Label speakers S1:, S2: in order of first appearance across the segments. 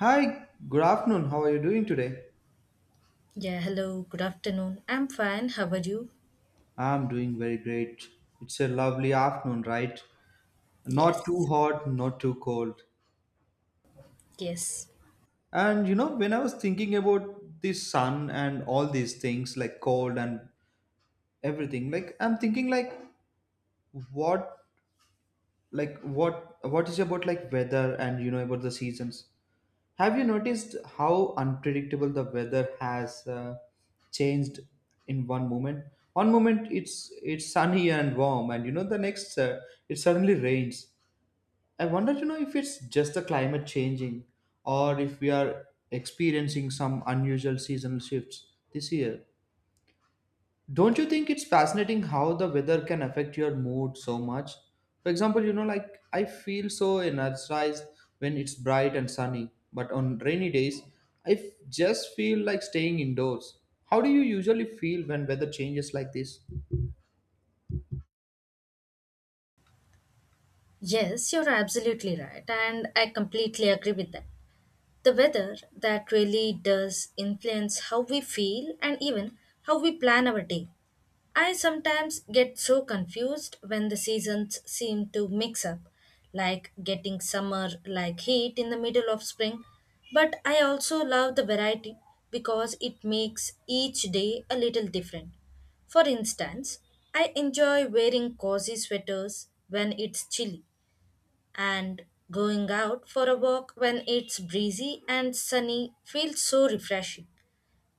S1: Hi, good afternoon. How are you doing today?
S2: Yeah, hello, good afternoon. I'm fine. How are you?
S1: I'm doing very great. It's a lovely afternoon, right? Not too
S2: Yes,
S1: hot, not too cold.
S2: yes,
S1: And you know, when I was thinking about this sun and all these things like cold and everything, like I'm thinking what like what is about like weather and you know about the seasons. Have you noticed how unpredictable the weather has changed in one moment? One moment it's sunny and warm, and you know the next it suddenly rains. I wonder, you know, if it's just the climate changing, or if we are experiencing some unusual seasonal shifts this year. Don't you think it's fascinating how the weather can affect your mood so much? For example, you know, like I feel so energized when it's bright and sunny, but on rainy days, I just feel like staying indoors. How do you usually feel when weather changes like this?
S2: yes, you're absolutely right, and I completely agree with that. The weather that really does influence how we feel and even how we plan our day. I sometimes get so confused when the seasons seem to mix up, like getting summer like heat in the middle of spring. But I also love the variety because it makes each day a little different. For instance, I enjoy wearing cozy sweaters when it's chilly and going out for a walk when it's breezy and sunny feels so refreshing.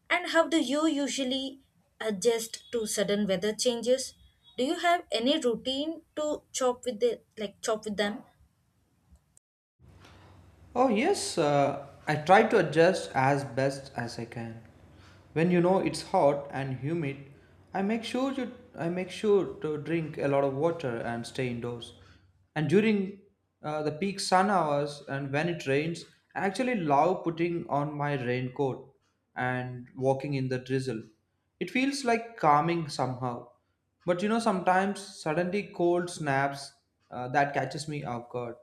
S2: And how do you usually adjust to sudden weather changes? Do you have any routine to chop with them?
S1: Oh, yes, I try to adjust as best as I can. When you know it's hot and humid, I make sure to drink a lot of water and stay indoors. And during the peak sun hours and when it rains, I actually love putting on my raincoat and walking in the drizzle. It feels like calming somehow. But you know, sometimes suddenly cold snaps that catches me off guard,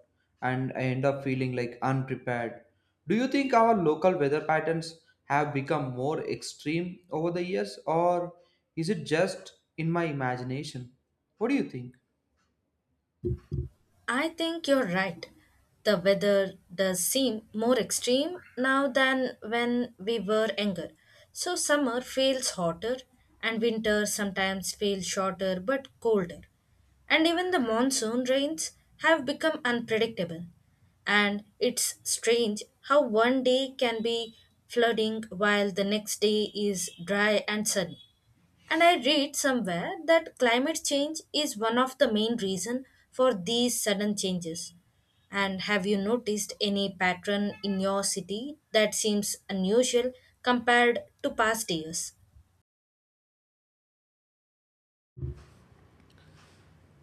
S1: and I end up feeling like unprepared. Do you think our local weather patterns have become more extreme over the years, or is it just in my imagination? What do you think?
S2: I think you're right. The weather does seem more extreme now than when we were younger. So summer feels hotter and winter sometimes feels shorter but colder. And even the monsoon rains have become unpredictable. And it's strange how one day can be flooding while the next day is dry and sunny. And I read somewhere that climate change is one of the main reason for these sudden changes. And have you noticed any pattern in your city that seems unusual compared to past years?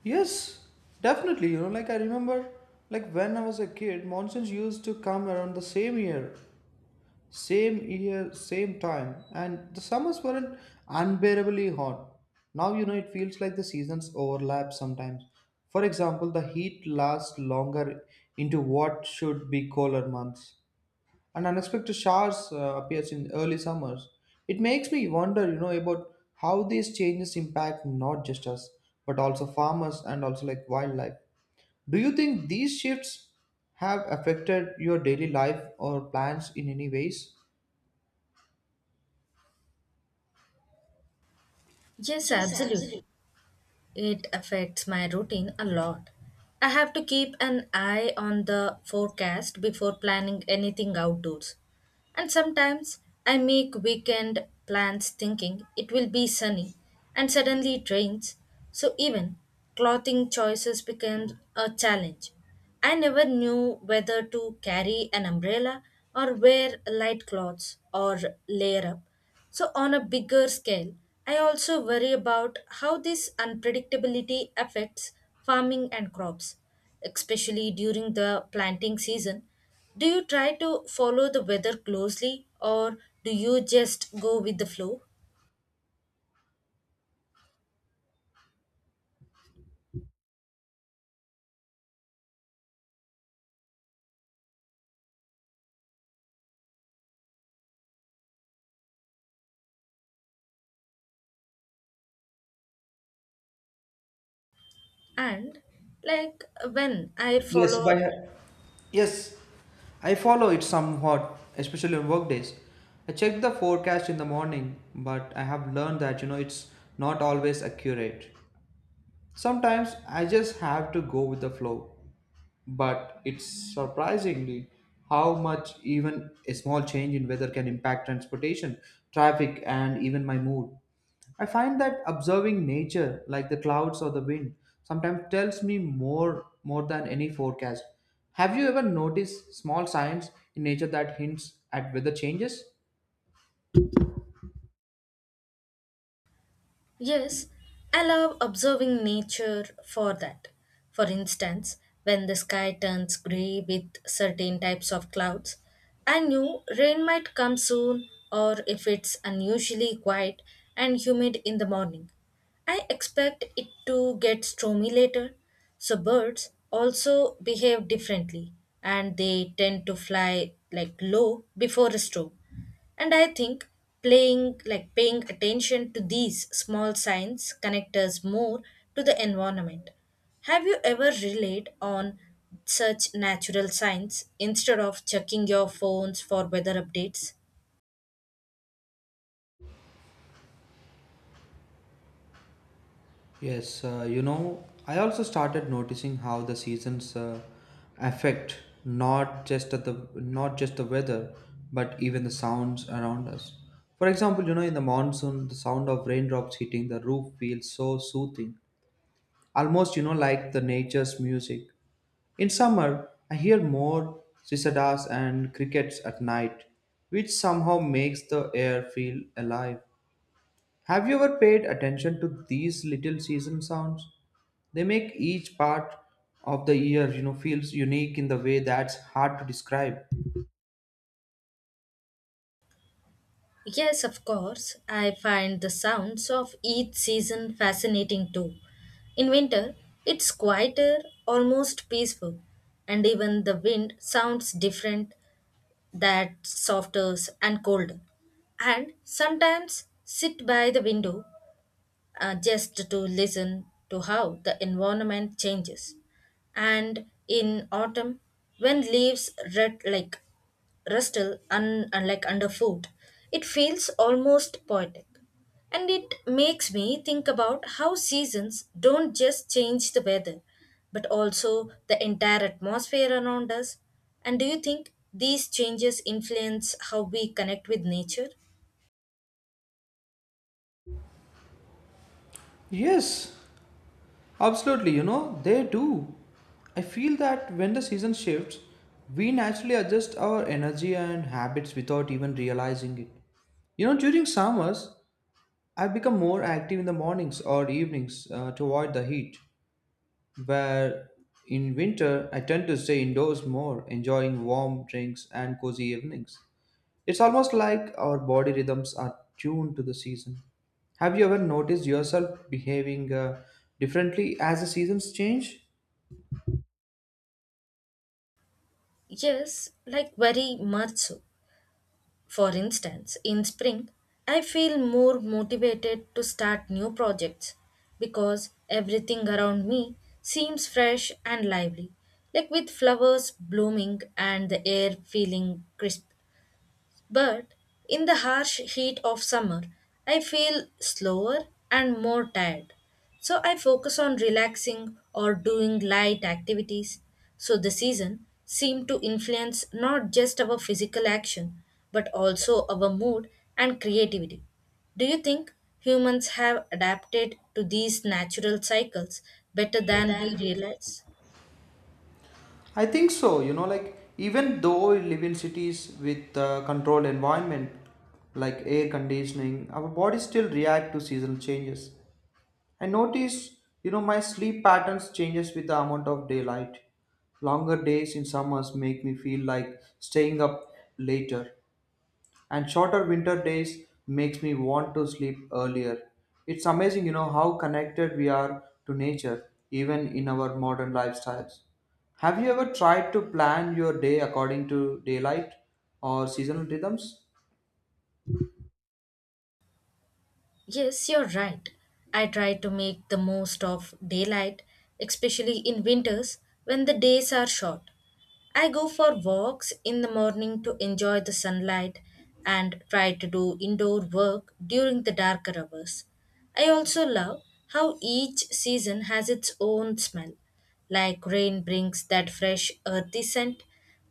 S1: Yes, definitely. You know, like I remember, like when I was a kid, monsoons used to come around the same year, same time, and the summers weren't unbearably hot. Now you know it feels like the seasons overlap sometimes. For example, the heat lasts longer into what should be colder months, and unexpected showers appears in early summers. It makes me wonder, you know, about how these changes impact not just us, but also farmers and also like wildlife. Do you think these shifts have affected your daily life or plans in any ways?
S2: Yes,
S1: Yes, absolutely.
S2: absolutely. It affects my routine a lot. I have to keep an eye on the forecast before planning anything outdoors. And sometimes I make weekend plans thinking it will be sunny and suddenly it rains. So even clothing choices become a challenge. I never knew whether to carry an umbrella or wear light clothes or layer up. So, on a bigger scale, I also worry about how this unpredictability affects farming and crops, especially during the planting season. Do you try to follow the weather closely or do you just go with the flow? And like when I
S1: Yes,
S2: follow.
S1: by yes, I follow it somewhat, especially on work days. I check the forecast in the morning, but I have learned that you know it's not always accurate. Sometimes I just have to go with the flow, but it's surprisingly how much even a small change in weather can impact transportation, traffic, and even my mood. I find that observing nature, like the clouds or the wind, sometimes tells me more than any forecast. Have you ever noticed small signs in nature that hints at weather changes?
S2: Yes, I love observing nature for that. For instance, when the sky turns grey with certain types of clouds, I knew rain might come soon or if it's unusually quiet and humid in the morning. I expect it to get stormy later. So birds also behave differently and they tend to fly like low before a storm. And I think playing like paying attention to these small signs connect us more to the environment. Have you ever relied on such natural signs instead of checking your phones for weather updates?
S1: Yes, you know, I also started noticing how the seasons affect not just the weather, but even the sounds around us. For example, you know, in the monsoon, the sound of raindrops hitting the roof feels so soothing, almost you know like the nature's music. In summer, I hear more cicadas and crickets at night, which somehow makes the air feel alive. Have you ever paid attention to these little season sounds? They make each part of the year, you know, feels unique in the way that's hard to describe.
S2: Yes, of course. I find the sounds of each season fascinating too. In winter, it's quieter, almost peaceful, and even the wind sounds different, that softer and colder, and sometimes sit by the window just to listen to how the environment changes. And in autumn, when leaves red like rustle like underfoot, it feels almost poetic. And it makes me think about how seasons don't just change the weather, but also the entire atmosphere around us. And do you think these changes influence how we connect with nature?
S1: Yes, absolutely, you know, they do. I feel that when the season shifts, we naturally adjust our energy and habits without even realizing it. You know, during summers, I become more active in the mornings or evenings to avoid the heat, where in winter I tend to stay indoors more, enjoying warm drinks and cozy evenings. It's almost like our body rhythms are tuned to the season. Have you ever noticed yourself behaving differently as the seasons change?
S2: Yes, like very much so. For instance, in spring, I feel more motivated to start new projects because everything around me seems fresh and lively, like with flowers blooming and the air feeling crisp. But in the harsh heat of summer, I feel slower and more tired. So I focus on relaxing or doing light activities. So the season seems to influence not just our physical action, but also our mood and creativity. Do you think humans have adapted to these natural cycles better than we realize?
S1: I think so. You know, like even though we live in cities with controlled environment like air conditioning, our bodies still react to seasonal changes. I notice, you know, my sleep patterns changes with the amount of daylight. Longer days in summers make me feel like staying up later, and shorter winter days makes me want to sleep earlier. It's amazing, you know, how connected we are to nature even in our modern lifestyles. Have you ever tried to plan your day according to daylight or seasonal rhythms?
S2: Yes, you're right. I try to make the most of daylight, especially in winters when the days are short. I go for walks in the morning to enjoy the sunlight and try to do indoor work during the darker hours. I also love how each season has its own smell, like rain brings that fresh earthy scent,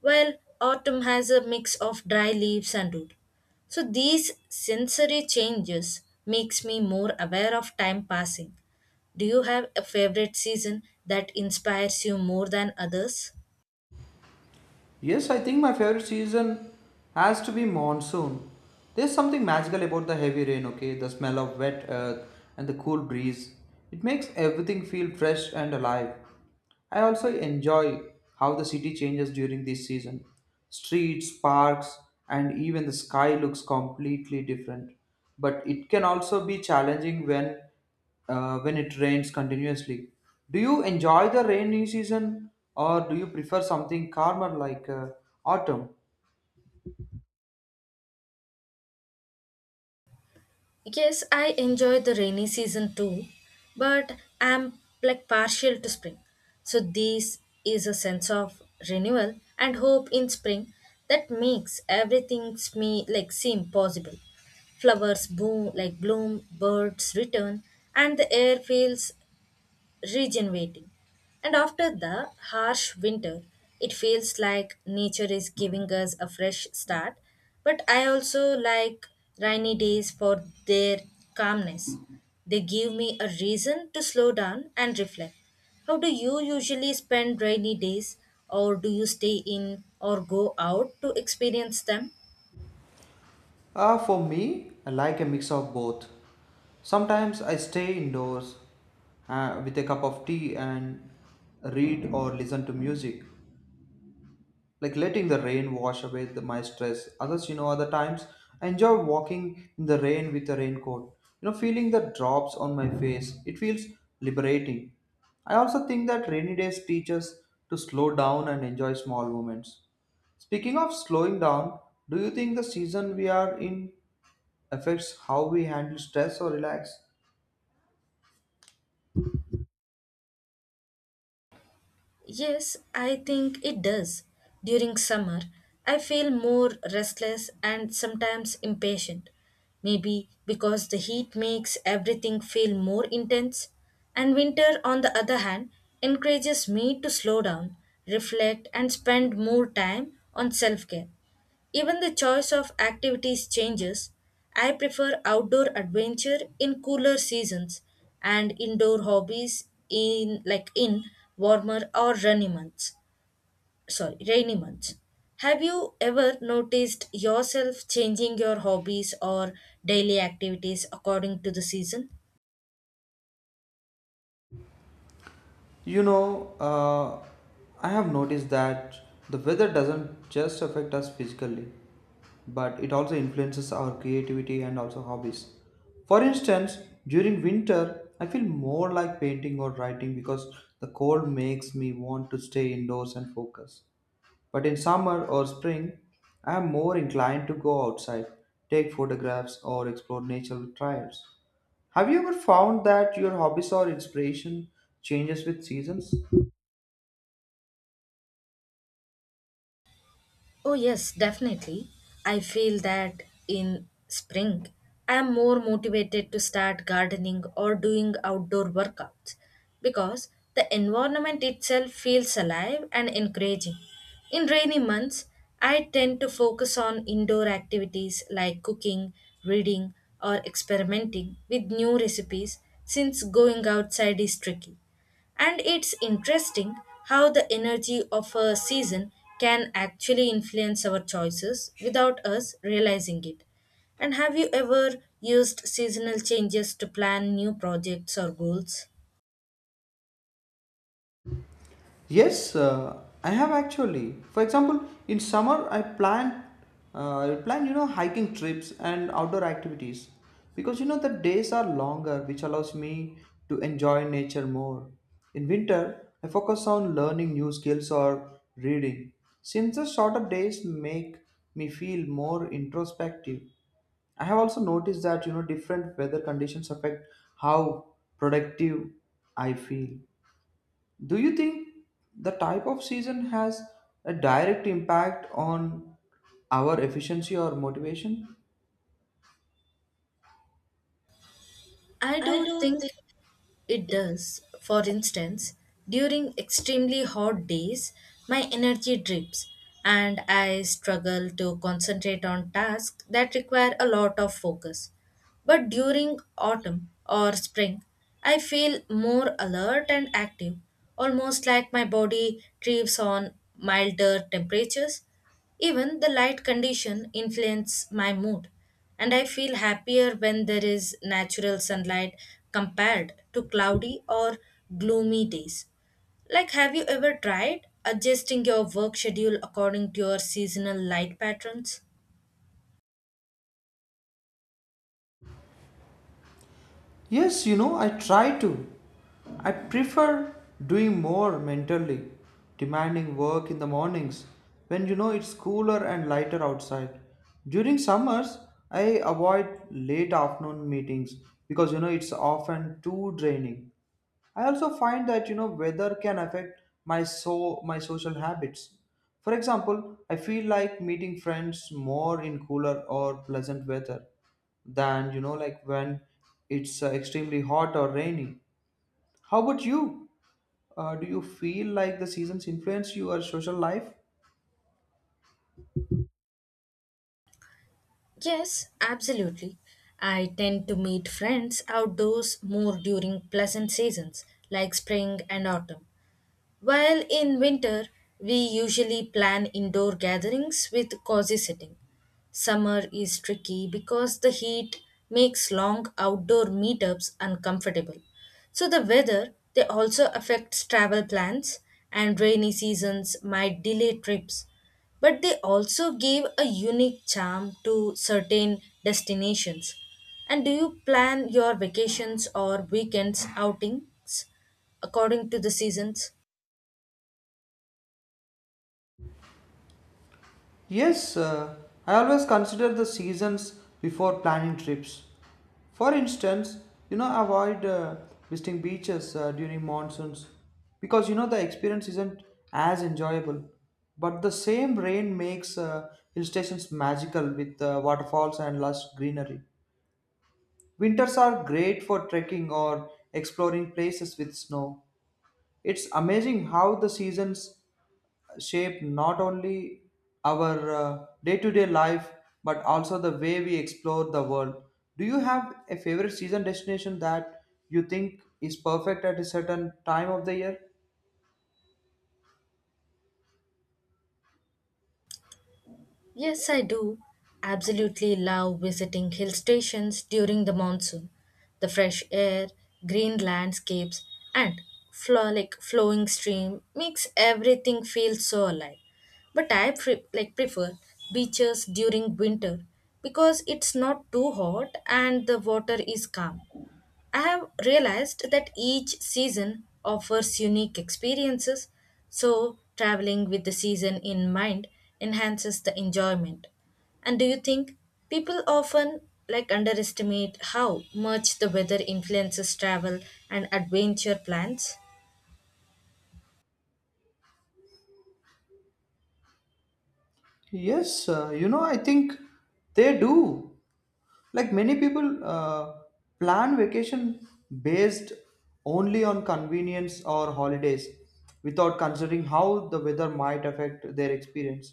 S2: while autumn has a mix of dry leaves and wood. So these sensory changes makes me more aware of time passing. Do you have a favorite season that inspires you more than others?
S1: Yes, I think my favorite season has to be monsoon. There's something magical about the heavy rain, okay? The smell of wet earth and the cool breeze. It makes everything feel fresh and alive. I also enjoy how the city changes during this season. Streets, parks, and even the sky looks completely different. But it can also be challenging when when it rains continuously. Do you enjoy the rainy season or do you prefer something calmer like autumn?
S2: Yes, I enjoy the rainy season too, but I'm like partial to spring. So this is a sense of renewal and hope in spring that makes everything me like seem possible. Flowers boom like bloom, birds return, and the air feels regenerating. And after the harsh winter, it feels like nature is giving us a fresh start. But I also like rainy days for their calmness. They give me a reason to slow down and reflect. How do you usually spend rainy days, or do you stay in or go out to experience them?
S1: For me, I like a mix of both. Sometimes I stay indoors with a cup of tea and read or listen to music, like letting the rain wash away the, my stress. Others, you know, other times I enjoy walking in the rain with a raincoat. You know, feeling the drops on my face. It feels liberating. I also think that rainy days teach us to slow down and enjoy small moments. Speaking of slowing down, do you think the season we are in affects how we handle stress or relax?
S2: Yes, I think it does. During summer, I feel more restless and sometimes impatient. Maybe because the heat makes everything feel more intense. And winter, on the other hand, encourages me to slow down, reflect, and spend more time on self care. Even the choice of activities changes. I prefer outdoor adventure in cooler seasons and indoor hobbies in like in warmer or rainy months. Sorry, rainy months. Have you ever noticed yourself changing your hobbies or daily activities according to the season?
S1: You know, I have noticed that the weather doesn't just affect us physically, but it also influences our creativity and also hobbies. For instance, during winter, I feel more like painting or writing because the cold makes me want to stay indoors and focus. But in summer or spring, I am more inclined to go outside, take photographs, or explore natural trails. Have you ever found that your hobbies or inspiration changes with seasons?
S2: Oh, yes, definitely. I feel that in spring, I am more motivated to start gardening or doing outdoor workouts because the environment itself feels alive and encouraging. In rainy months, I tend to focus on indoor activities like cooking, reading, or experimenting with new recipes since going outside is tricky. And it's interesting how the energy of a season can actually influence our choices without us realizing it. And have you ever used seasonal changes to plan new projects or goals?
S1: Yes, I have actually. For example, in summer I plan you know hiking trips and outdoor activities because you know the days are longer which allows me to enjoy nature more. In winter, I focus on learning new skills or reading. Since the shorter days make me feel more introspective, I have also noticed that you know different weather conditions affect how productive I feel. Do you think the type of season has a direct impact on our efficiency or motivation?
S2: I
S1: I
S2: do
S1: do think
S2: think it does. For instance, during extremely hot days, my energy drips and I struggle to concentrate on tasks that require a lot of focus. But during autumn or spring, I feel more alert and active, almost like my body thrives on milder temperatures. Even the light condition influence my mood, and I feel happier when there is natural sunlight compared to cloudy or gloomy days. Like, have you ever tried adjusting your work schedule according to your seasonal light patterns?
S1: Yes, you know, I try to. I prefer doing more mentally, demanding work in the mornings when you know it's cooler and lighter outside. During summers, I avoid late afternoon meetings because you know it's often too draining. I also find that you know weather can affect my social habits. For example, I feel like meeting friends more in cooler or pleasant weather than you know like when it's extremely hot or rainy. How about you? Do you feel like the seasons influence your social life?
S2: Yes, absolutely. I tend to meet friends outdoors more during pleasant seasons like spring and autumn. While in winter, we usually plan indoor gatherings with cozy sitting. Summer is tricky because the heat makes long outdoor meetups uncomfortable. So the weather they also affects travel plans and rainy seasons might delay trips. But they also give a unique charm to certain destinations. And do you plan your vacations or weekends outings according to the seasons?
S1: Yes, I always consider the seasons before planning trips. For instance, you know, avoid visiting beaches during monsoons because you know the experience isn't as enjoyable. But the same rain makes hill stations magical with waterfalls and lush greenery. Winters are great for trekking or exploring places with snow. It's amazing how the seasons shape not only our day-to-day life but also the way we explore the world. Do you have a favorite season destination that you think is perfect at a certain time of the year?
S2: Yes, I do. Absolutely love visiting hill stations during the monsoon. The fresh air, green landscapes, and flowing stream makes everything feel so alive. But I prefer beaches during winter because it's not too hot and the water is calm. I have realized that each season offers unique experiences, so traveling with the season in mind enhances the enjoyment. And do you think people often like underestimate how much the weather influences travel and adventure plans?
S1: Yes, you know, I think they do, like many people plan vacation based only on convenience or holidays without considering how the weather might affect their experience.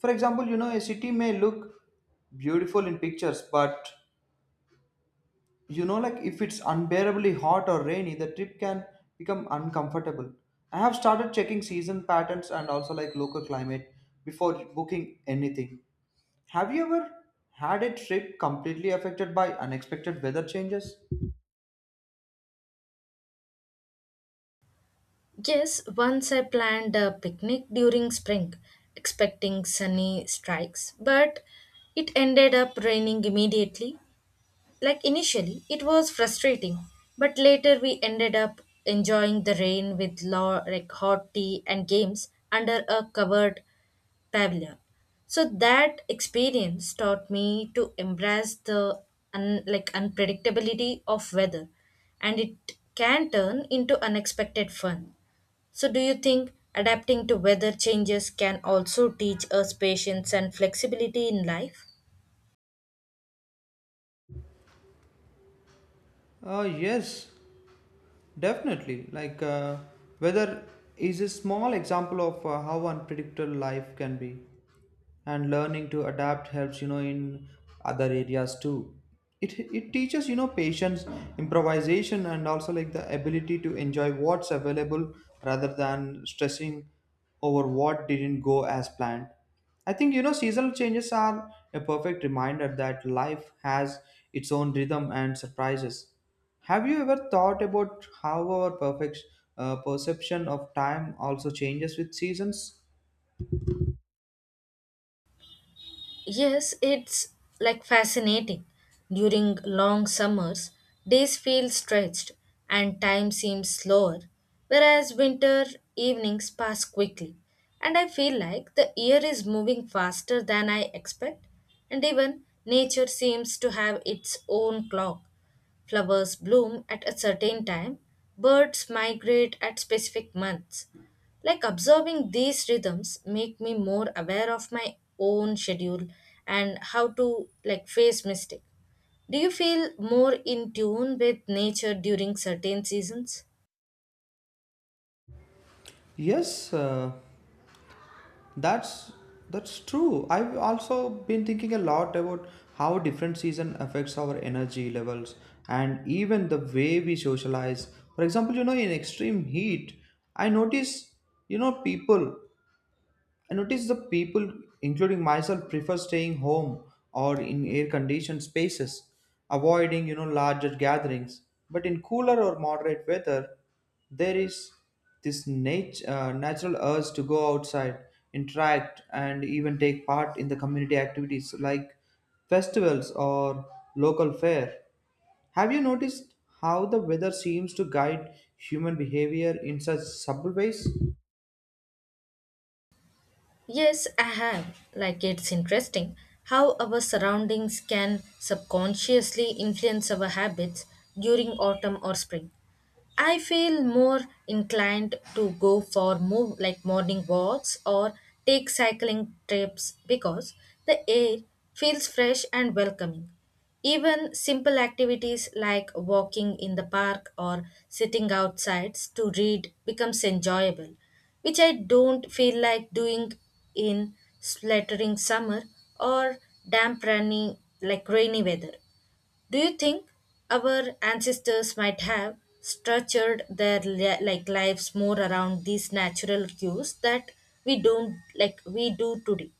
S1: For example, you know, a city may look beautiful in pictures, but you know like if it's unbearably hot or rainy the trip can become uncomfortable. I have started checking season patterns and also like local climate before booking anything. Have you ever had a trip completely affected by unexpected weather changes?
S2: Yes, once I planned a picnic during spring, expecting sunny strikes, but it ended up raining immediately. Like initially, it was frustrating, but later we ended up enjoying the rain with law, like hot tea and games under a covered pavilion. So that experience taught me to embrace the un, like unpredictability of weather, and it can turn into unexpected fun. So do you think adapting to weather changes can also teach us patience and flexibility in life?
S1: Yes, definitely. Like, weather is a small example of how unpredictable life can be, and learning to adapt helps you know in other areas too. It teaches you know patience, improvisation, and also like the ability to enjoy what's available rather than stressing over what didn't go as planned. I think you know seasonal changes are a perfect reminder that life has its own rhythm and surprises. Have you ever thought about how our perfect perception of time also changes with seasons?
S2: Yes, it's like fascinating. During long summers, days feel stretched and time seems slower, whereas winter evenings pass quickly. And I feel like the year is moving faster than I expect, and even nature seems to have its own clock. Flowers bloom at a certain time, birds migrate at specific months. Like observing these rhythms make me more aware of my own schedule and how to like face mistake. Do you feel more in tune with nature during certain seasons?
S1: Yes, That's that's true. I've also been thinking a lot about how different season affects our energy levels and even the way we socialize. For example, you know, in extreme heat, I notice, you know, people I notice the people, including myself, prefer staying home or in air-conditioned spaces, avoiding you know larger gatherings. But in cooler or moderate weather, there is this natural urge to go outside, interact, and even take part in the community activities like festivals or local fair. Have you noticed how the weather seems to guide human behavior in such subtle ways?
S2: Yes, I have. Like, it's interesting how our surroundings can subconsciously influence our habits during autumn or spring. I feel more inclined to go for move like morning walks or take cycling trips because the air feels fresh and welcoming. Even simple activities like walking in the park or sitting outside to read becomes enjoyable, which I don't feel like doing in sweltering summer or damp rainy weather. Do you think our ancestors might have structured their lives more around these natural cues that we don't like we do today?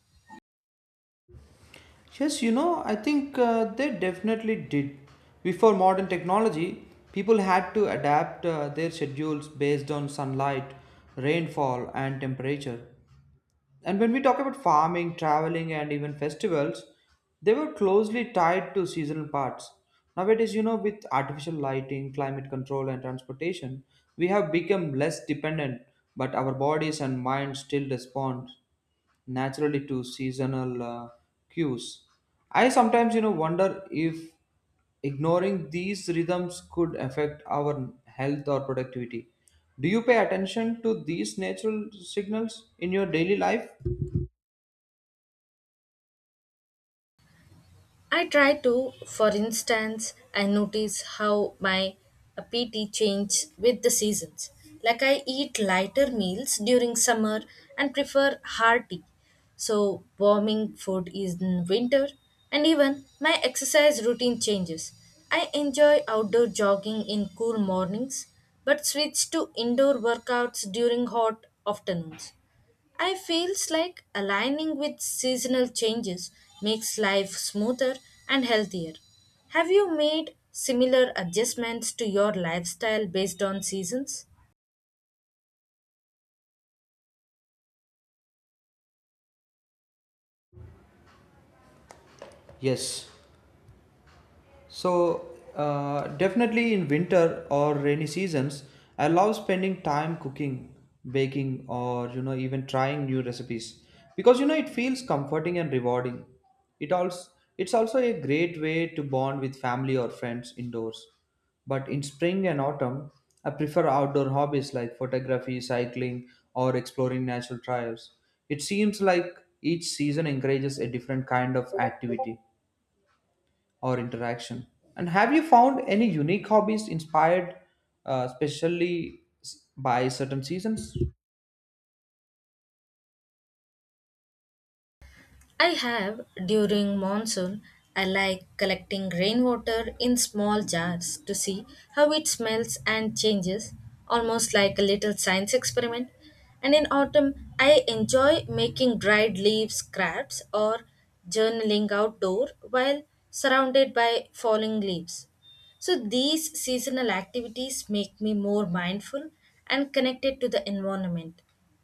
S1: Yes, you know, I think they definitely did. Before modern technology, people had to adapt their schedules based on sunlight, rainfall, and temperature. And when we talk about farming, traveling, and even festivals, they were closely tied to seasonal parts. Nowadays, you know, with artificial lighting, climate control, and transportation, we have become less dependent, but our bodies and minds still respond naturally to seasonal cues. I sometimes, you know, wonder if ignoring these rhythms could affect our health or productivity. Do you pay attention to these natural signals in your daily life?
S2: I try to, for instance, I notice how my appetite changes with the seasons. Like I eat lighter meals during summer and prefer hearty. So warming food is in winter and even my exercise routine changes. I enjoy outdoor jogging in cool mornings but switch to indoor workouts during hot afternoons. I feels like aligning with seasonal changes makes life smoother and healthier. Have you made similar adjustments to your lifestyle based on seasons?
S1: Yes. So, definitely in winter or rainy seasons, I love spending time cooking, baking, or you know, even trying new recipes because you know it feels comforting and rewarding. It also it's also a great way to bond with family or friends indoors. But in spring and autumn, I prefer outdoor hobbies like photography, cycling, or exploring natural trails. It seems like each season encourages a different kind of activity or interaction. And have you found any unique hobbies inspired especially by certain seasons?
S2: I have during monsoon. I like collecting rainwater in small jars to see how it smells and changes, almost like a little science experiment. And in autumn, I enjoy making dried leaves crafts or journaling outdoor while surrounded by falling leaves. So these seasonal activities make me more mindful and connected to the environment.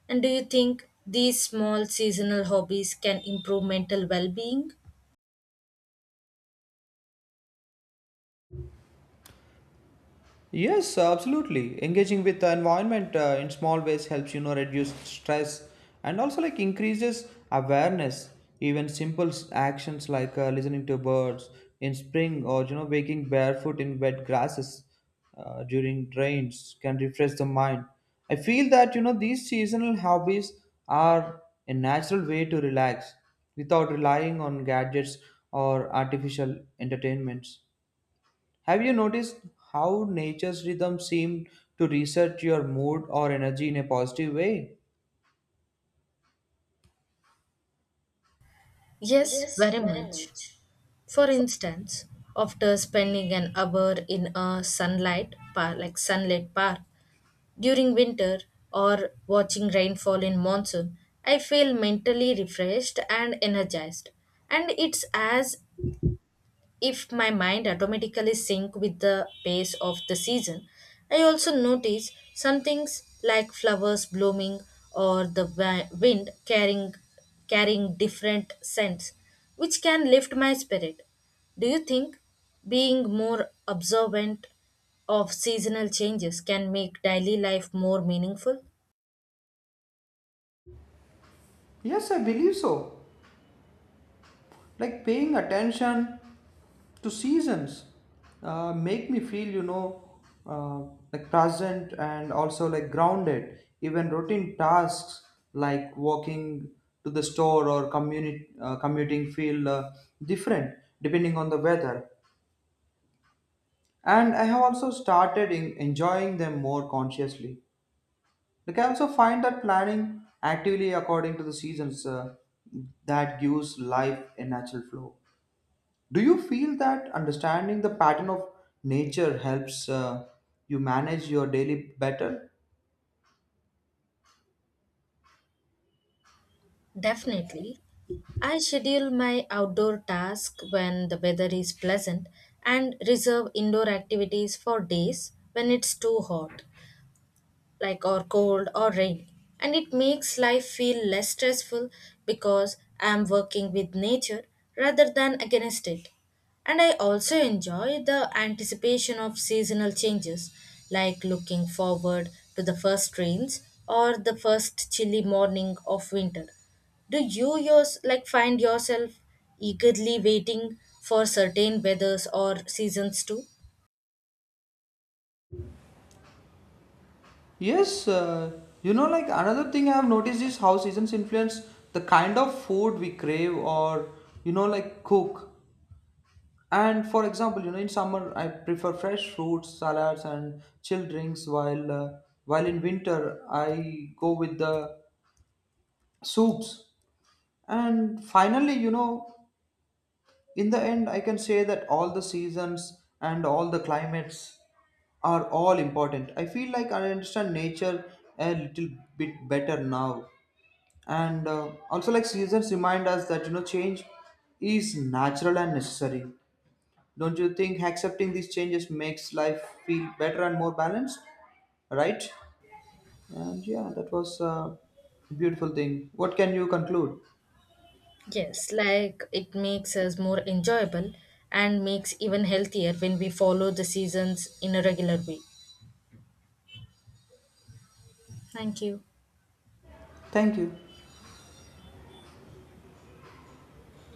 S2: And do you think these small seasonal hobbies can improve mental well being?
S1: Yes, absolutely. Engaging with the environment in small ways helps you know reduce stress and also like increases awareness. Even simple actions like listening to birds in spring or you know waking barefoot in wet grasses during rains can refresh the mind. I feel that you know these seasonal hobbies are a natural way to relax without relying on gadgets or artificial entertainments. Have you noticed how nature's rhythm seem to reset your mood or energy in a positive way?
S2: Yes,
S1: Yes,
S2: very
S1: very
S2: much.
S1: much.
S2: For instance, after spending an hour in a sunlight park, like sunlit park, during winter or watching rainfall in monsoon, I feel mentally refreshed and energized. And it's as if my mind automatically sync with the pace of the season. I also notice some things like flowers blooming or the wind carrying different scents, which can lift my spirit. Do you think being more observant of seasonal changes can make daily life more meaningful?
S1: Yes, I believe so. Like paying attention to seasons make me feel, you know, uh, like present and also like grounded. Even routine tasks like walking to the store or commuting feel different depending on the weather. And I have also started in enjoying them more consciously. Like I also find that planning actively according to the seasons that gives life a natural flow. Do you feel that understanding the pattern of nature helps you manage your daily better?
S2: Definitely. I schedule my outdoor tasks when the weather is pleasant and reserve indoor activities for days when it's too hot like or cold or rain, and it makes life feel less stressful because I am working with nature rather than against it. And I also enjoy the anticipation of seasonal changes, like looking forward to the first rains or the first chilly morning of winter. Do you yours like find yourself eagerly waiting for certain weathers or seasons too?
S1: Yes, you know, like another thing I have noticed is how seasons influence the kind of food we crave or, you know, like cook. And for example, you know, in summer I prefer fresh fruits, salads, and chill drinks. While in winter I go with the soups. And finally, you know, in the end, I can say that all the seasons and all the climates are all important. I feel like I understand nature a little bit better now. And also, like seasons remind us that you know, change is natural and necessary. Don't you think accepting these changes makes life feel better and more balanced? Right? And yeah, that was a beautiful thing. What can you conclude?
S2: Yes, like it makes us more enjoyable and makes even healthier when we follow the seasons in a regular way. Thank you.
S1: Thank you.